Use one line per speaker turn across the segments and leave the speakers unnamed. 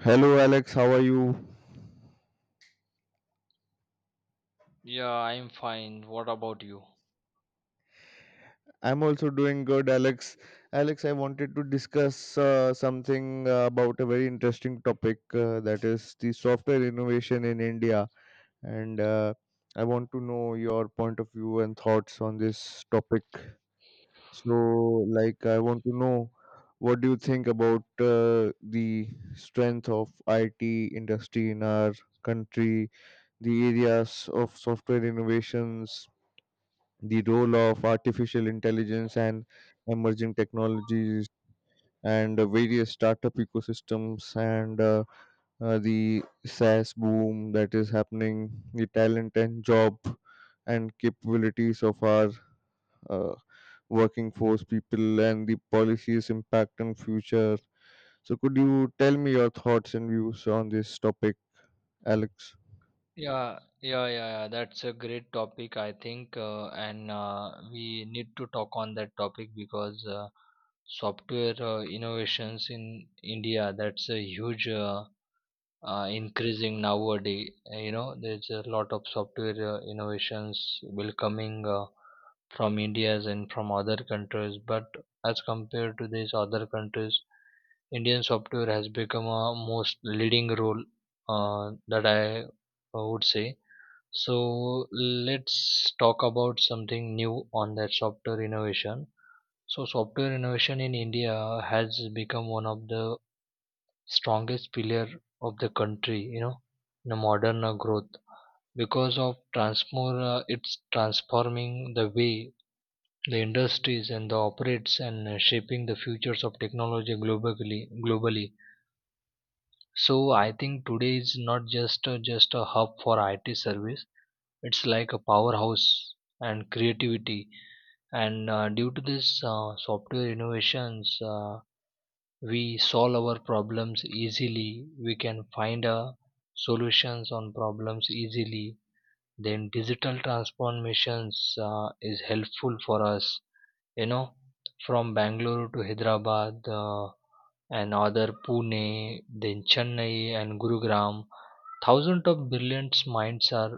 Hello, Alex. How are you?
Yeah, I'm fine. What about you?
I'm also doing good, Alex. Alex, I wanted to discuss something about a very interesting topic that is the software innovation in India. And I want to know your point of view and thoughts on this topic. So, like, I want to know what do you think about uh, the strength of IT industry in our country, the areas of software innovations, the role of artificial intelligence and emerging technologies, and various startup ecosystems, and the SaaS boom that is happening, the talent and job and capabilities of our uh, working force people, and the policies impact on future. So could you tell me your thoughts and views on this topic, Alex?
Yeah. That's a great topic, I think, and we need to talk on that topic because software innovations in India, that's a huge increasing nowadays. You know, there's a lot of software innovations will coming from India's and from other countries. But as compared to these other countries, Indian software has become a most leading role that I would say. So let's talk about something new on that software innovation. So software innovation in India has become one of the strongest pillar of the country, you know, in a modern growth because of transform it's transforming the way the industries and the operates and shaping the futures of technology globally. So I think today is not just a, just a hub for IT service. It's like a powerhouse and creativity, and due to this software innovations, we solve our problems easily. We can find a solutions on problems easily. Then digital transformations is helpful for us, you know, from Bangalore to Hyderabad, uh, and other Pune, then Chennai and Gurugram. Thousands of brilliant minds are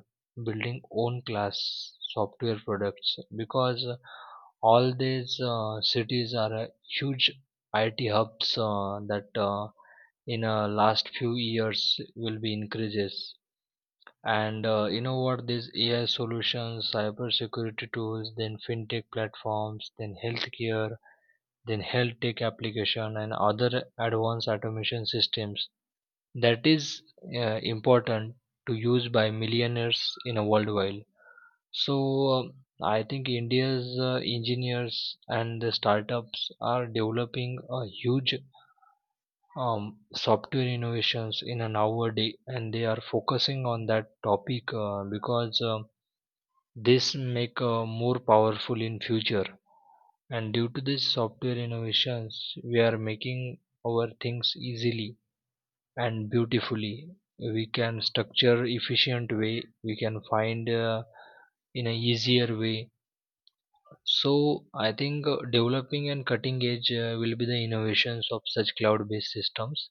building own class software products because all these cities are huge IT hubs, that in last few years will be increases. And you know what, these AI solutions, cybersecurity tools, then fintech platforms, then healthcare, then health tech application, and other advanced automation systems, that is important to use by millionaires in a worldwide. So um, I think India's engineers and the startups are developing a huge software innovations in an hour day, and they are focusing on that topic, because this make more powerful in future. And due to this software innovations, we are making our things easily and beautifully. We can structure efficient way. We can find, in a easier way, so I think developing and cutting edge will be the innovations of such cloud based systems,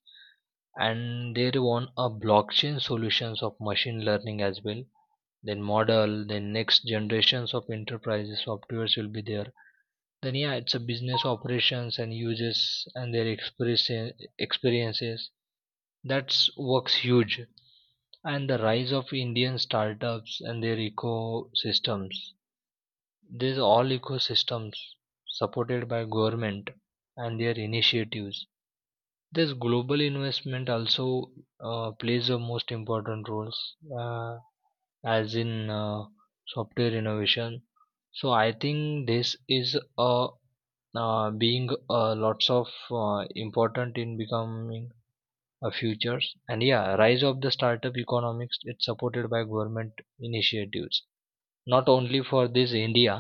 and there one a blockchain solutions of machine learning as well. Then model, then next generations of enterprises softwares will be there. Then yeah, it's a business operations and users and their experiences. That's works huge, and the rise of Indian startups and their ecosystems. These all ecosystems supported by government and their initiatives. This global investment also plays the most important roles uh, as in software innovation. So I think this is being lots of important in becoming futures. And yeah, rise of the startup economics, it's supported by government initiatives, not only for this India.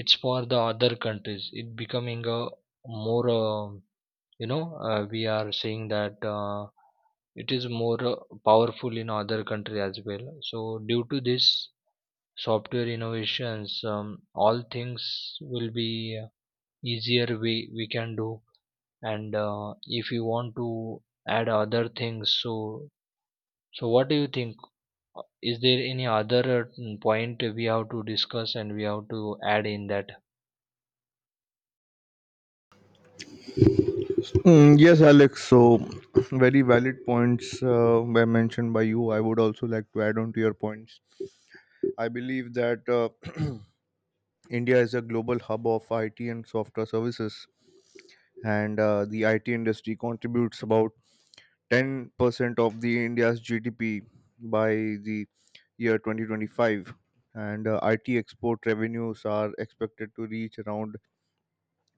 It's for the other countries. It becoming a more you know, we are saying that it is more powerful in other country as well. So due to this software innovations, all things will be uh, easier we can do. And if you want to add other things, so, what do you think? Is there any other point we have to discuss and we have to add in that?
Mm, yes, Alex. So, very valid points were mentioned by you. I would also like to add on to your points. I believe that India is a global hub of IT and software services, and the IT industry contributes about 10% of the India's GDP by the year 2025. And IT export revenues are expected to reach around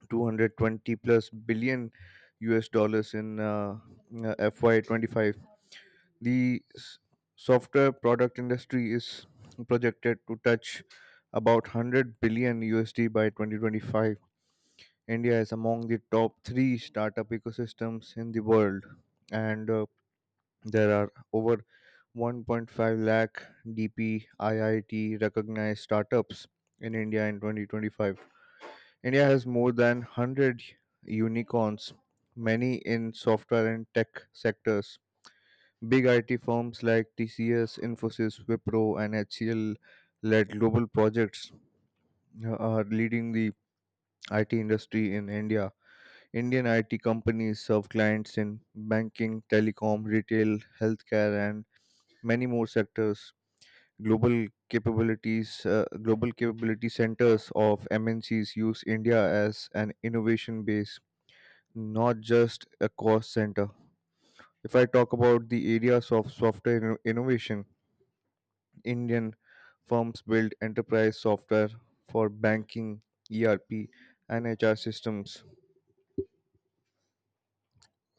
220 plus billion US dollars in FY25. The s- software product industry is projected to touch about 100 billion USD by 2025. India is among the top three startup ecosystems in the world, and there are over 1.5 lakh DPIIT recognized startups in India in 2025. India has more than 100 unicorns, many in software and tech sectors. Big IT firms like TCS, Infosys, Wipro, and HCL led global projects, are leading the IT industry in India. Indian IT companies serve clients in banking, telecom, retail, healthcare, and many more sectors. Global capability centers of MNCs use India as an innovation base, not just a cost center. If I talk about the areas of software innovation, Indian firms build enterprise software for banking, ERP, and HR systems.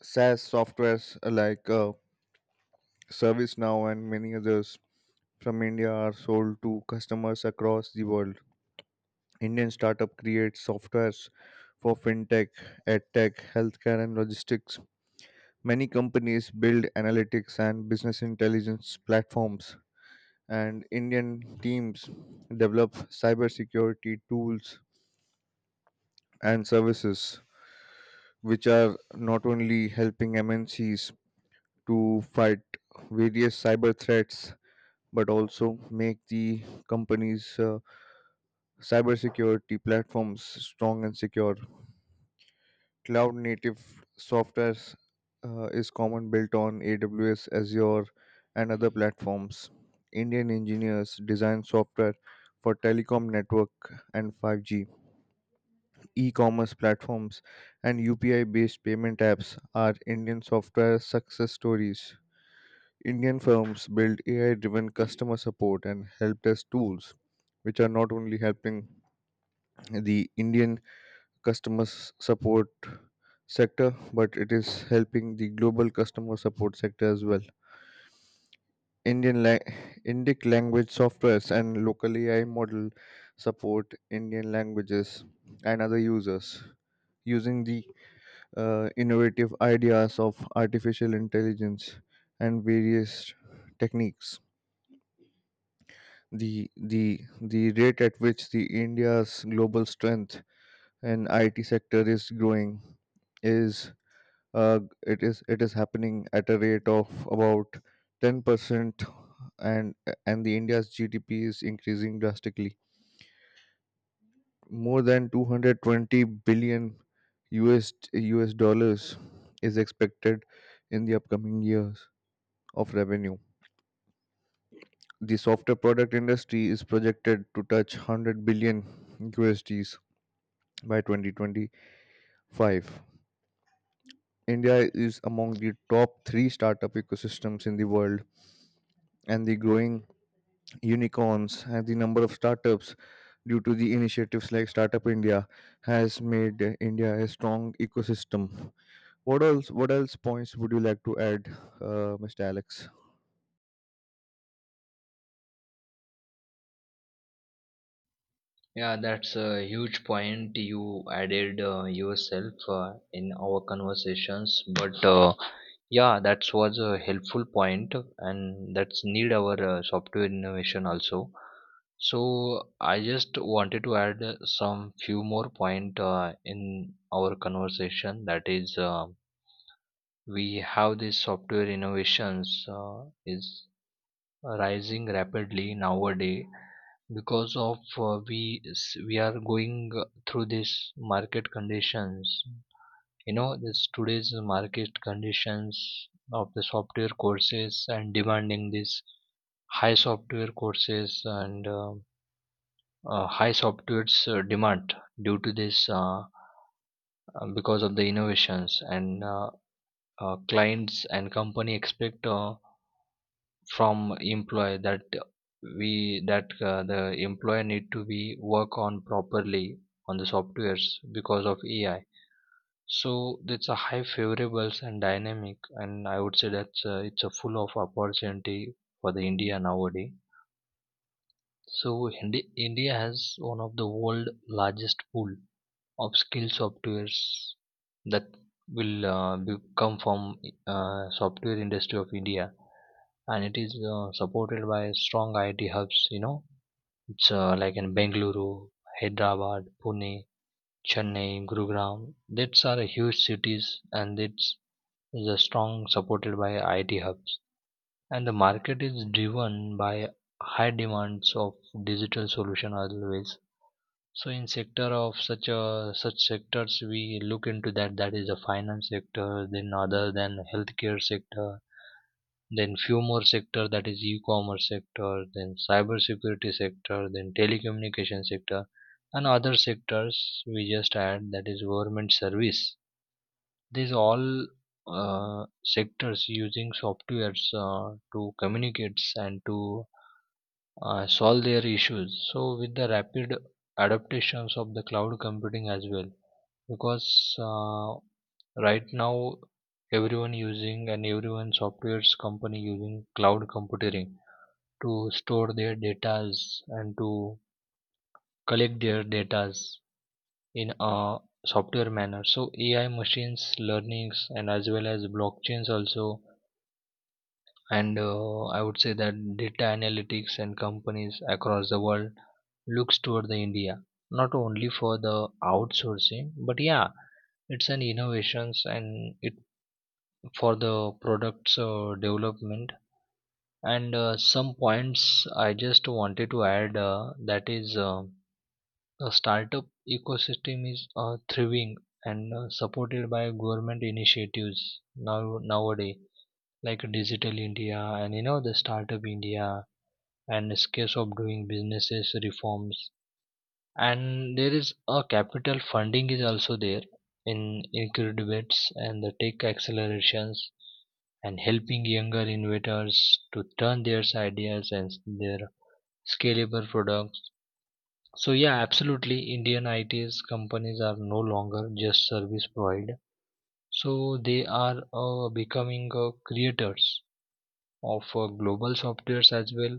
SaaS softwares like ServiceNow and many others from India are sold to customers across the world. Indian startup creates softwares for fintech, edtech, healthcare, and logistics. Many companies build analytics and business intelligence platforms, and Indian teams develop cybersecurity tools and services, which are not only helping MNCs to fight various cyber threats but also make the company's cybersecurity platforms strong and secure. Cloud native softwares is common, built on AWS, Azure, and other platforms. Indian engineers design software for telecom network and 5G. E commerce platforms and UPI based payment apps are Indian software success stories. Indian firms build AI driven customer support and help desk tools, which are not only helping the Indian customer support sector, but it is helping the global customer support sector as well. Indian la- Indic language softwares and local AI model support Indian languages and other users, using the innovative ideas of artificial intelligence and various techniques. The rate at which the India's global strength and IT sector is growing is uh, it is happening at a rate of about 10%, and the India's GDP is increasing drastically. More than 220 billion US dollars is expected in the upcoming years of revenue. The software product industry is projected to touch 100 billion USDs by 2025. India is among the top 3 startup ecosystems in the world, and the growing unicorns and the number of startups, due to the initiatives like Startup India, has made India a strong ecosystem. What else? What else points would you like to add, Mr. Alex?
Yeah, that's a huge point you added yourself in our conversations. But yeah, that was a helpful point, and that's need our software innovation also. So I just wanted to add some few more point in our conversation. That is. We have these software innovations is rising rapidly nowadays because of we are going through this market conditions, you know, this today's market conditions of the software courses and demanding this high software courses and high software's demand due to this because of the innovations, and clients and company expect from employer that the employer need to be work on properly on the softwares because of AI. So it's a high favorables and dynamic, and I would say that's it's a full of opportunity for the India nowadays. So India has one of the world largest pool upskill softwares that will be come from software industry of India, and it is supported by strong IT hubs, you know. It's like in Bengaluru, Hyderabad, Pune, Chennai, Gurugram. That's are huge cities, and it's is a strong supported by IT hubs, and the market is driven by high demands of digital solution always. So in sector of such a such sectors, we look into that, that is the finance sector, then other than healthcare sector, then few more sector, that is e-commerce sector, then cyber security sector, then telecommunication sector, and other sectors we just add, that is government service. These all sectors using softwares to communicate and to solve their issues. So, with the rapid adaptations of the cloud computing as well, because uh, right now everyone using, and everyone software's company using cloud computing to store their datas and to collect their datas in a software manner. So, AI machines learnings, and as well as blockchains also, and I would say that data analytics, and companies across the world looks toward the India, not only for the outsourcing, but yeah, it's an innovations and it for the products development. And some points I just wanted to add that is the startup ecosystem is thriving and supported by government initiatives now nowadays, like Digital India, and you know, the Startup India and scales of doing businesses reforms, and there is a capital funding is also there, in incubators and the tech accelerations and helping younger innovators to turn their ideas and their scalable products. So yeah, absolutely, Indian its companies are no longer just service provider. So they are becoming creators of global softwares as well,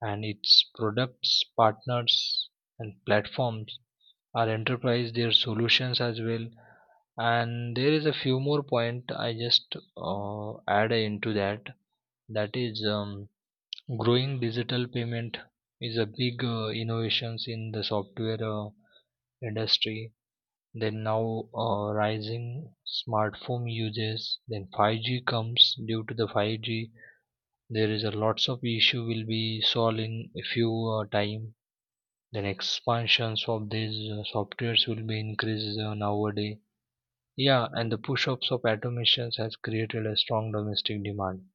and its products, partners, and platforms are enterprise their solutions as well. And there is a few more point I just add into that. That is growing digital payment is a big innovations in the software industry. Then now rising smartphone uses. Then 5G comes due to the 5G. There is a lots of issue will be solved in a few time. Then expansions of these softwares will be increased nowadays. Yeah, and the push-ups of automations has created a strong domestic demand.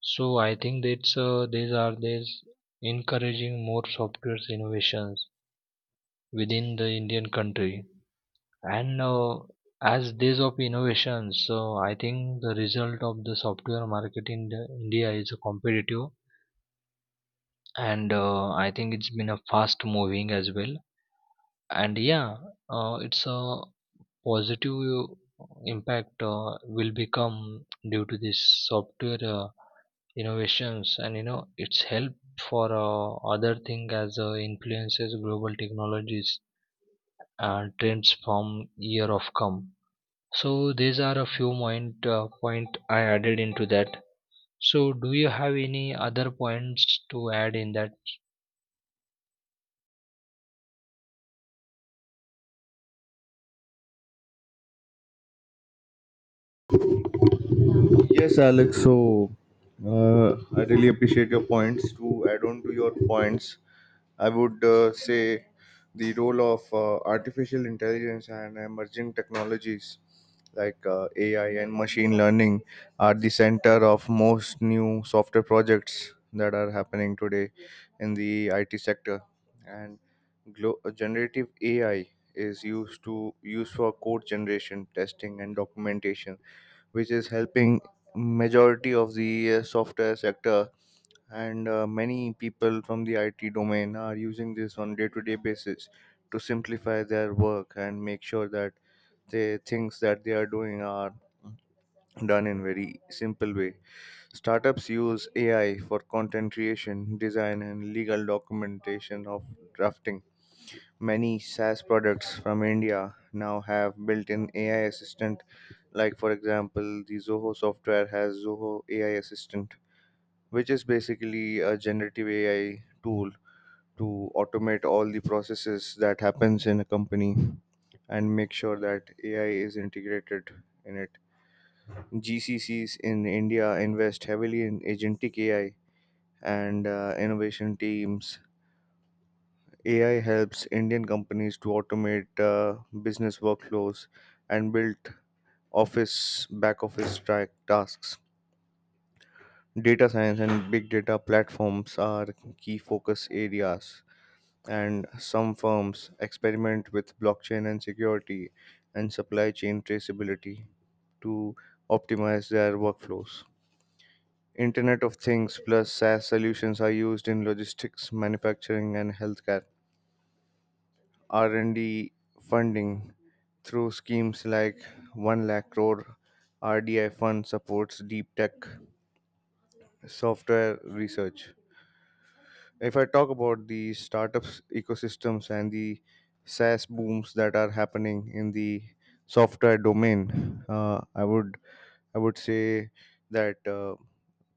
So I think that's these are these encouraging more software innovations within the Indian country, and as days of innovations, so I think the result of the software market in the India is competitive, and I think it's been a fast moving as well. And yeah, it's a positive impact will become due to this software innovations, and you know, its help for other thing as influences global technologies and trends from year of come. So these are a few point point I added into that. So do you have any other points to add in that?
Yes, Alex. So I really appreciate your points. To add on to your points, I would say the role of artificial intelligence and emerging technologies, like AI and machine learning, are the center of most new software projects that are happening today in the IT sector. And generative AI is used for code generation, testing, and documentation, which is helping majority of the software sector, and many people from the IT domain are using this on day-to-day basis to simplify their work and make sure that the things that they are doing are done in very simple way. Startups use AI for content creation, design, and legal documentation of drafting. Many SaaS products from India now have built-in AI assistant. Like for example, the Zoho software has Zoho AI assistant, which is basically a generative AI tool to automate all the processes that happens in a company and make sure that AI is integrated in it. GCCs in India invest heavily in agentic AI and innovation teams. AI helps Indian companies to automate business workflows and build office back office track tasks. Data science and big data platforms are key focus areas, and some firms experiment with blockchain and security and supply chain traceability to optimize their workflows. Internet of Things plus SaaS solutions are used in logistics, manufacturing, and healthcare. R&D funding through schemes like 1 lakh crore RDI fund supports deep tech software research. If I talk about the startups ecosystems and the SaaS booms that are happening in the software domain, I would say that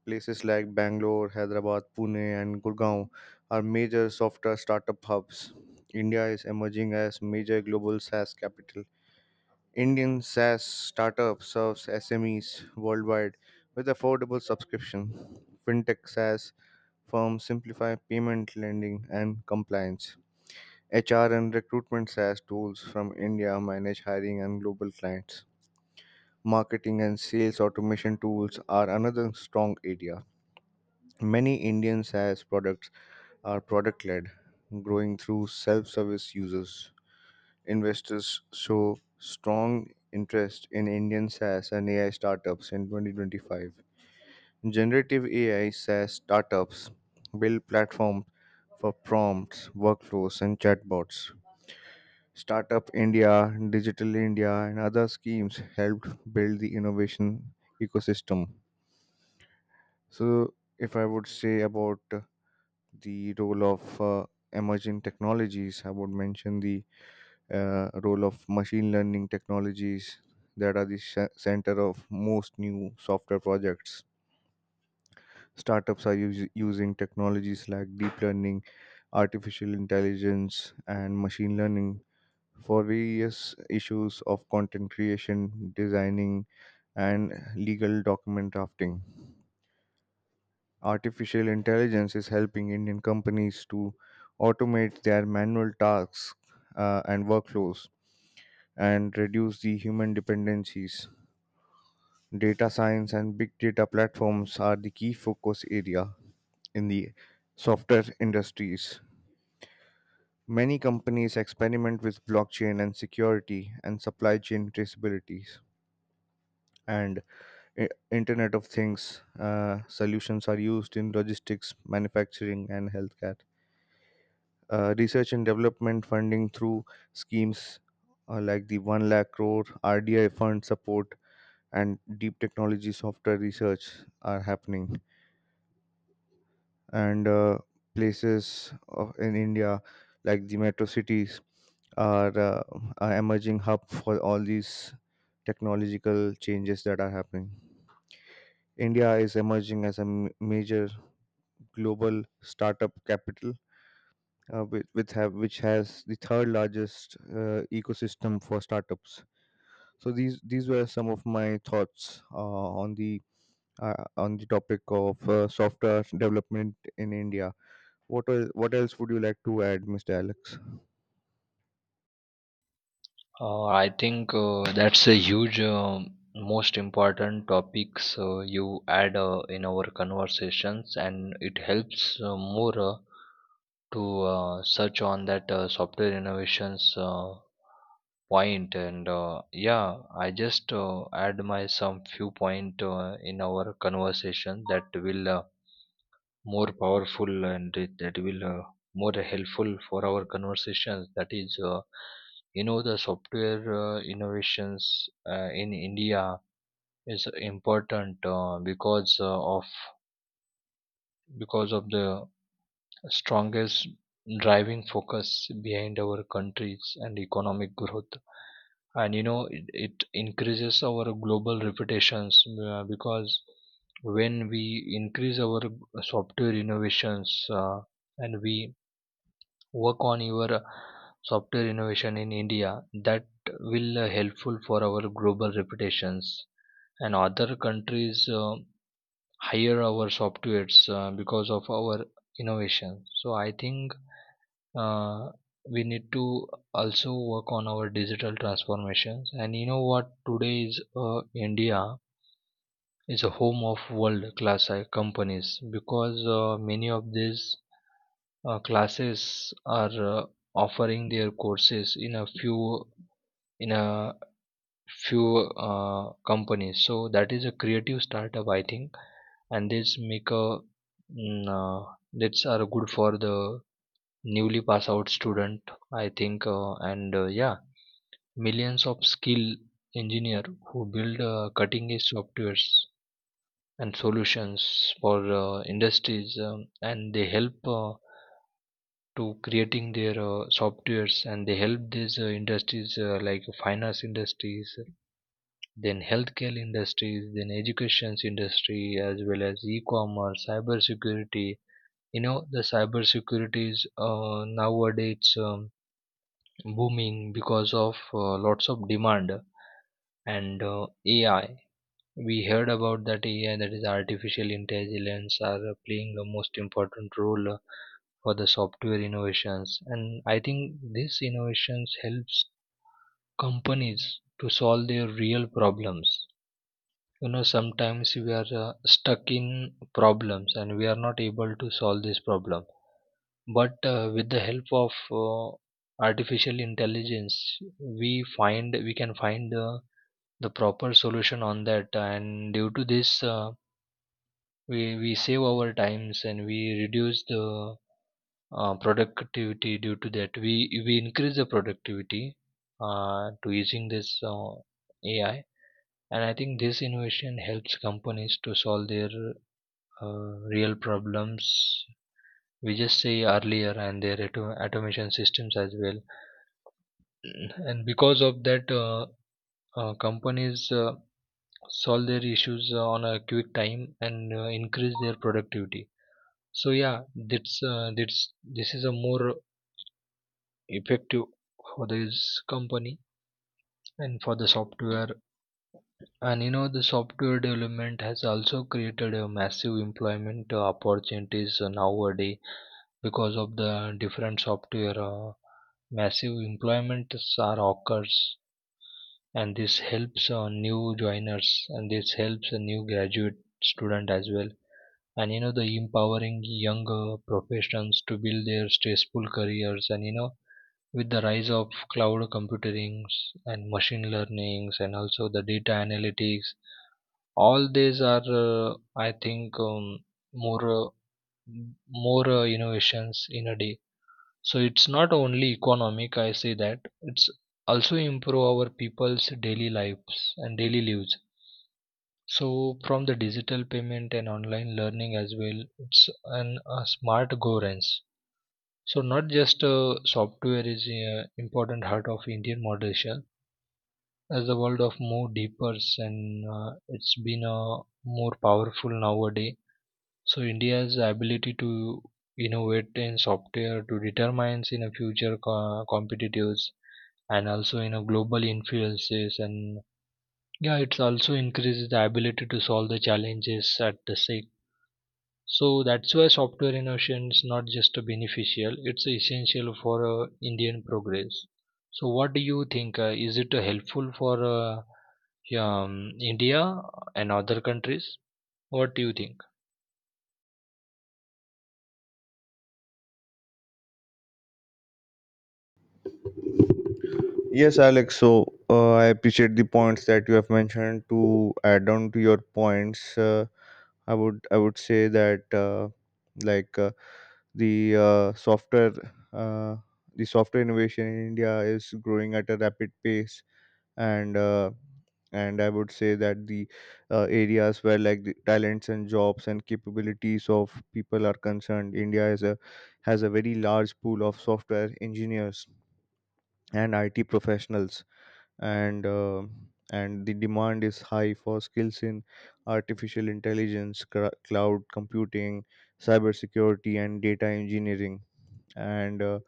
places like Bangalore, Hyderabad, Pune, and Gurgaon are major software startup hubs. India is emerging as major global SaaS capital. Indian SaaS startup serves SMEs worldwide with affordable subscription. Fintech SaaS Firms simplify payment, lending, and compliance. HR and recruitment SaaS tools from India manage hiring and global clients. Marketing and sales automation tools are another strong area. Many Indian SaaS products are product led, growing through self service users. Investors show strong interest in Indian SaaS and AI startups in 2025. Generative AI SaaS startups build platforms for prompts, workflows, and chatbots. Startup India, Digital India, and other schemes helped build the innovation ecosystem. So, if I would say about the role of emerging technologies, I would mention the role of machine learning technologies that are the center of most new software projects. Startups are using technologies like deep learning, artificial intelligence, and machine learning for various issues of content creation, designing, and legal document drafting. Artificial intelligence is helping Indian companies to automate their manual tasks and workflows and reduce the human dependencies. Data science and big data platforms are the key focus area in the software industries. Many companies experiment with blockchain and security and supply chain traceabilities. And Internet of Things solutions are used in logistics, manufacturing, and healthcare. Research and development funding through schemes like the 1 lakh crore RDI fund support and deep technology software research are happening. And places of, in India, like the metro cities are a emerging hub for all these technological changes that are happening. India is emerging as a major global startup capital, which has the third largest ecosystem for startups. So these were some of my thoughts on the on the topic of software development in India. What else would you like to add, Mr. Alex?
I think that's a huge, most important topics you add in our conversations, and it helps more to search on that software innovations point. And yeah, I just add my some few point in our conversation that will more powerful, and it, that will more helpful for our conversations, that is you know, the software innovations in India is important because of because of the strongest driving focus behind our countries and economic growth, and you know, it increases our global reputations because when we increase our software innovations and we work on your software innovation in India, that will helpful for our global reputations, and other countries hire our softwares because of our innovation. So I think uh, we need to also work on our digital transformations, and you know what, today is India is a home of world class companies, because many of these classes are offering their courses in a few companies. So that is a creative startup, I think, and this make a mm, uh, that's are good for the newly pass out student, I think, and yeah, millions of skill engineer who build cutting edge softwares and solutions for industries, and they help to creating their softwares, and they help these industries like finance industries, then healthcare industries, then educations industry, as well as e-commerce, cyber security. You know, the cyber security is nowadays booming because of lots of demand and AI. We heard about that AI, that is artificial intelligence, are playing the most important role for the software innovations. And I think these innovations helps companies to solve their real problems. You know, sometimes we are stuck in problems, and we are not able to solve this problem. But with the help of artificial intelligence, we can find the proper solution on that, and due to this, we save our times, and we reduce the productivity. Due to that, we increase the productivity to using this AI, and I think this innovation helps companies to solve their real problems. We just say earlier, and their automation systems as well. And because of that companies solve their issues on a quick time, and increase their productivity. So yeah, that's this is a more effective for this company and for the software. And you know, the software development has also created a massive employment opportunities nowadays, because of the different software massive employments are occurs. And this helps new joiners, and this helps a new graduate student as well. And you know, the empowering younger professions to build their stressful careers, and you know, with the rise of cloud computing and machine learnings and also the data analytics, all these are I think more uh, more innovations in a day. So it's not only economic, I say that it's also improve our people's daily lives. So from the digital payment and online learning as well, it's an a smart governance. So not just software is important heart of Indian moderation. As the world of more deepers and it's been more powerful nowadays. So India's ability to innovate in software to determines in a future competitives, and also in a global influences. And yeah, it's also increases the ability to solve the challenges at the same. So that's why software innovation is not just a beneficial, it's essential for Indian progress. So what do you think is it helpful for yeah, India and other countries? What do you think?
Yes, Alex. So I appreciate the points that you have mentioned. To add on to your points. I would say that like the software uh, the software innovation in India is growing at a rapid pace, and I would say that the areas where, like the talents and jobs and capabilities of people are concerned, India is a has a very large pool of software engineers and IT professionals, and the demand is high for skills in artificial intelligence, cloud computing, cybersecurity, and data engineering. And uh,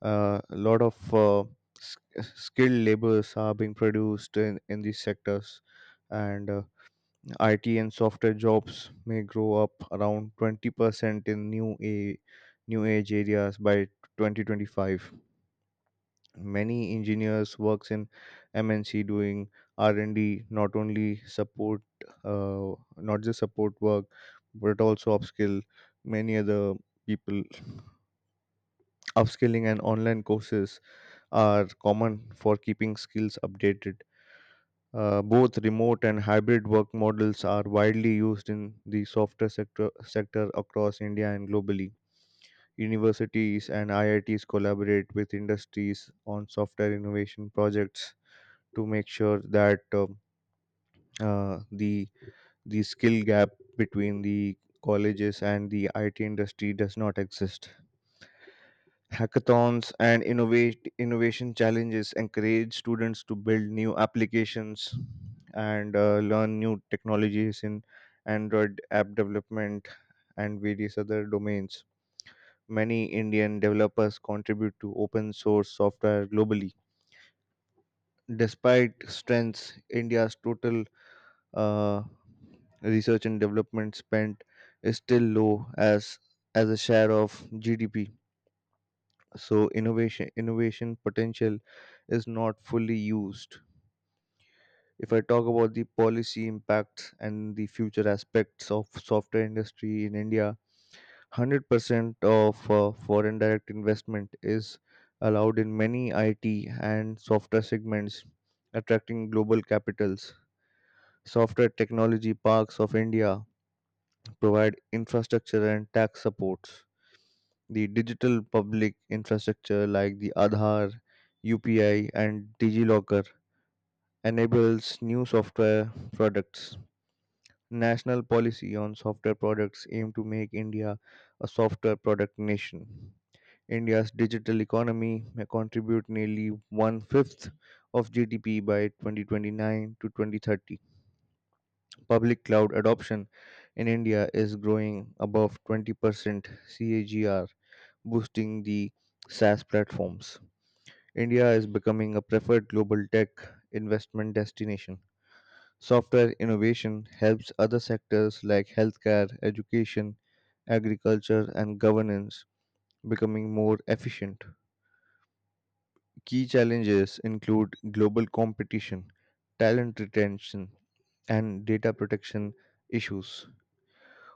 uh, a lot of s- skilled laborers are being produced in these sectors. And IT and software jobs may grow up around 20% in new age areas by 2025. Many engineers works in MNC doing R&D, not only support uh, not just support work, but also upskill many other people. Upskilling and online courses are common for keeping skills updated. Both remote and hybrid work models are widely used in the software sector across India and globally. Universities and IITs collaborate with industries on software innovation projects to make sure that uh, the the skill gap between the colleges and the IT industry does not exist. Hackathons and innovate innovation challenges encourage students to build new applications and learn new technologies in Android app development and various other domains. Many Indian developers contribute to open source software globally. Despite strengths, India's total uh, research and development spent is still low as a share of GDP. So innovation potential is not fully used. If I talk about the policy impacts and the future aspects of software industry in India, 100% of foreign direct investment is allowed in many IT and software segments, attracting global capitals. Software technology parks of India provide infrastructure and tax supports. The digital public infrastructure like the Aadhaar, UPI, and DigiLocker enables new software products. National policy on software products aim to make India a software product nation. India's digital economy may contribute nearly one fifth of GDP by 2029 to 2030. Public cloud adoption in India is growing above 20% CAGR, boosting the SaaS platforms. India is becoming a preferred global tech investment destination. Software innovation helps other sectors like healthcare, education, agriculture, and governance becoming more efficient. Key challenges include global competition, talent retention, and data protection issues.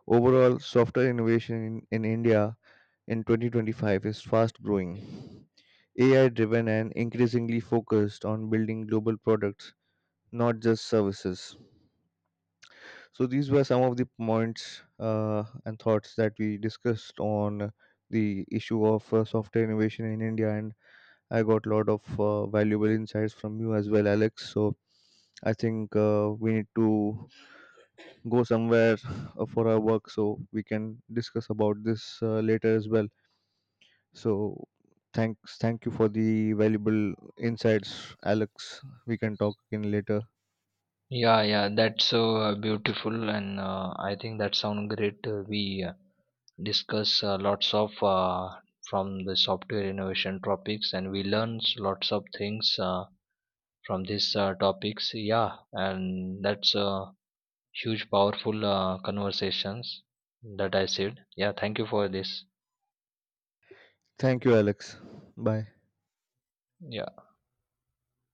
Overall, software innovation in India in 2025 is fast growing, AI driven, and increasingly focused on building global products, not just services. So, these were some of the points and thoughts that we discussed on the issue of software innovation in India, and I got a lot of valuable insights from you as well, Alex. So, I think we need to go somewhere for our work, so we can discuss about this later as well. So thank you for the valuable insights, Alex. We can talk again later.
Yeah, that's so beautiful, and I think that sounds great. We discuss lots of from the software innovation topics, and we learn lots of things from these topics. Yeah, and that's a huge, powerful conversations that I said. Yeah, thank you for this.
Thank you, Alex. Bye.
Yeah.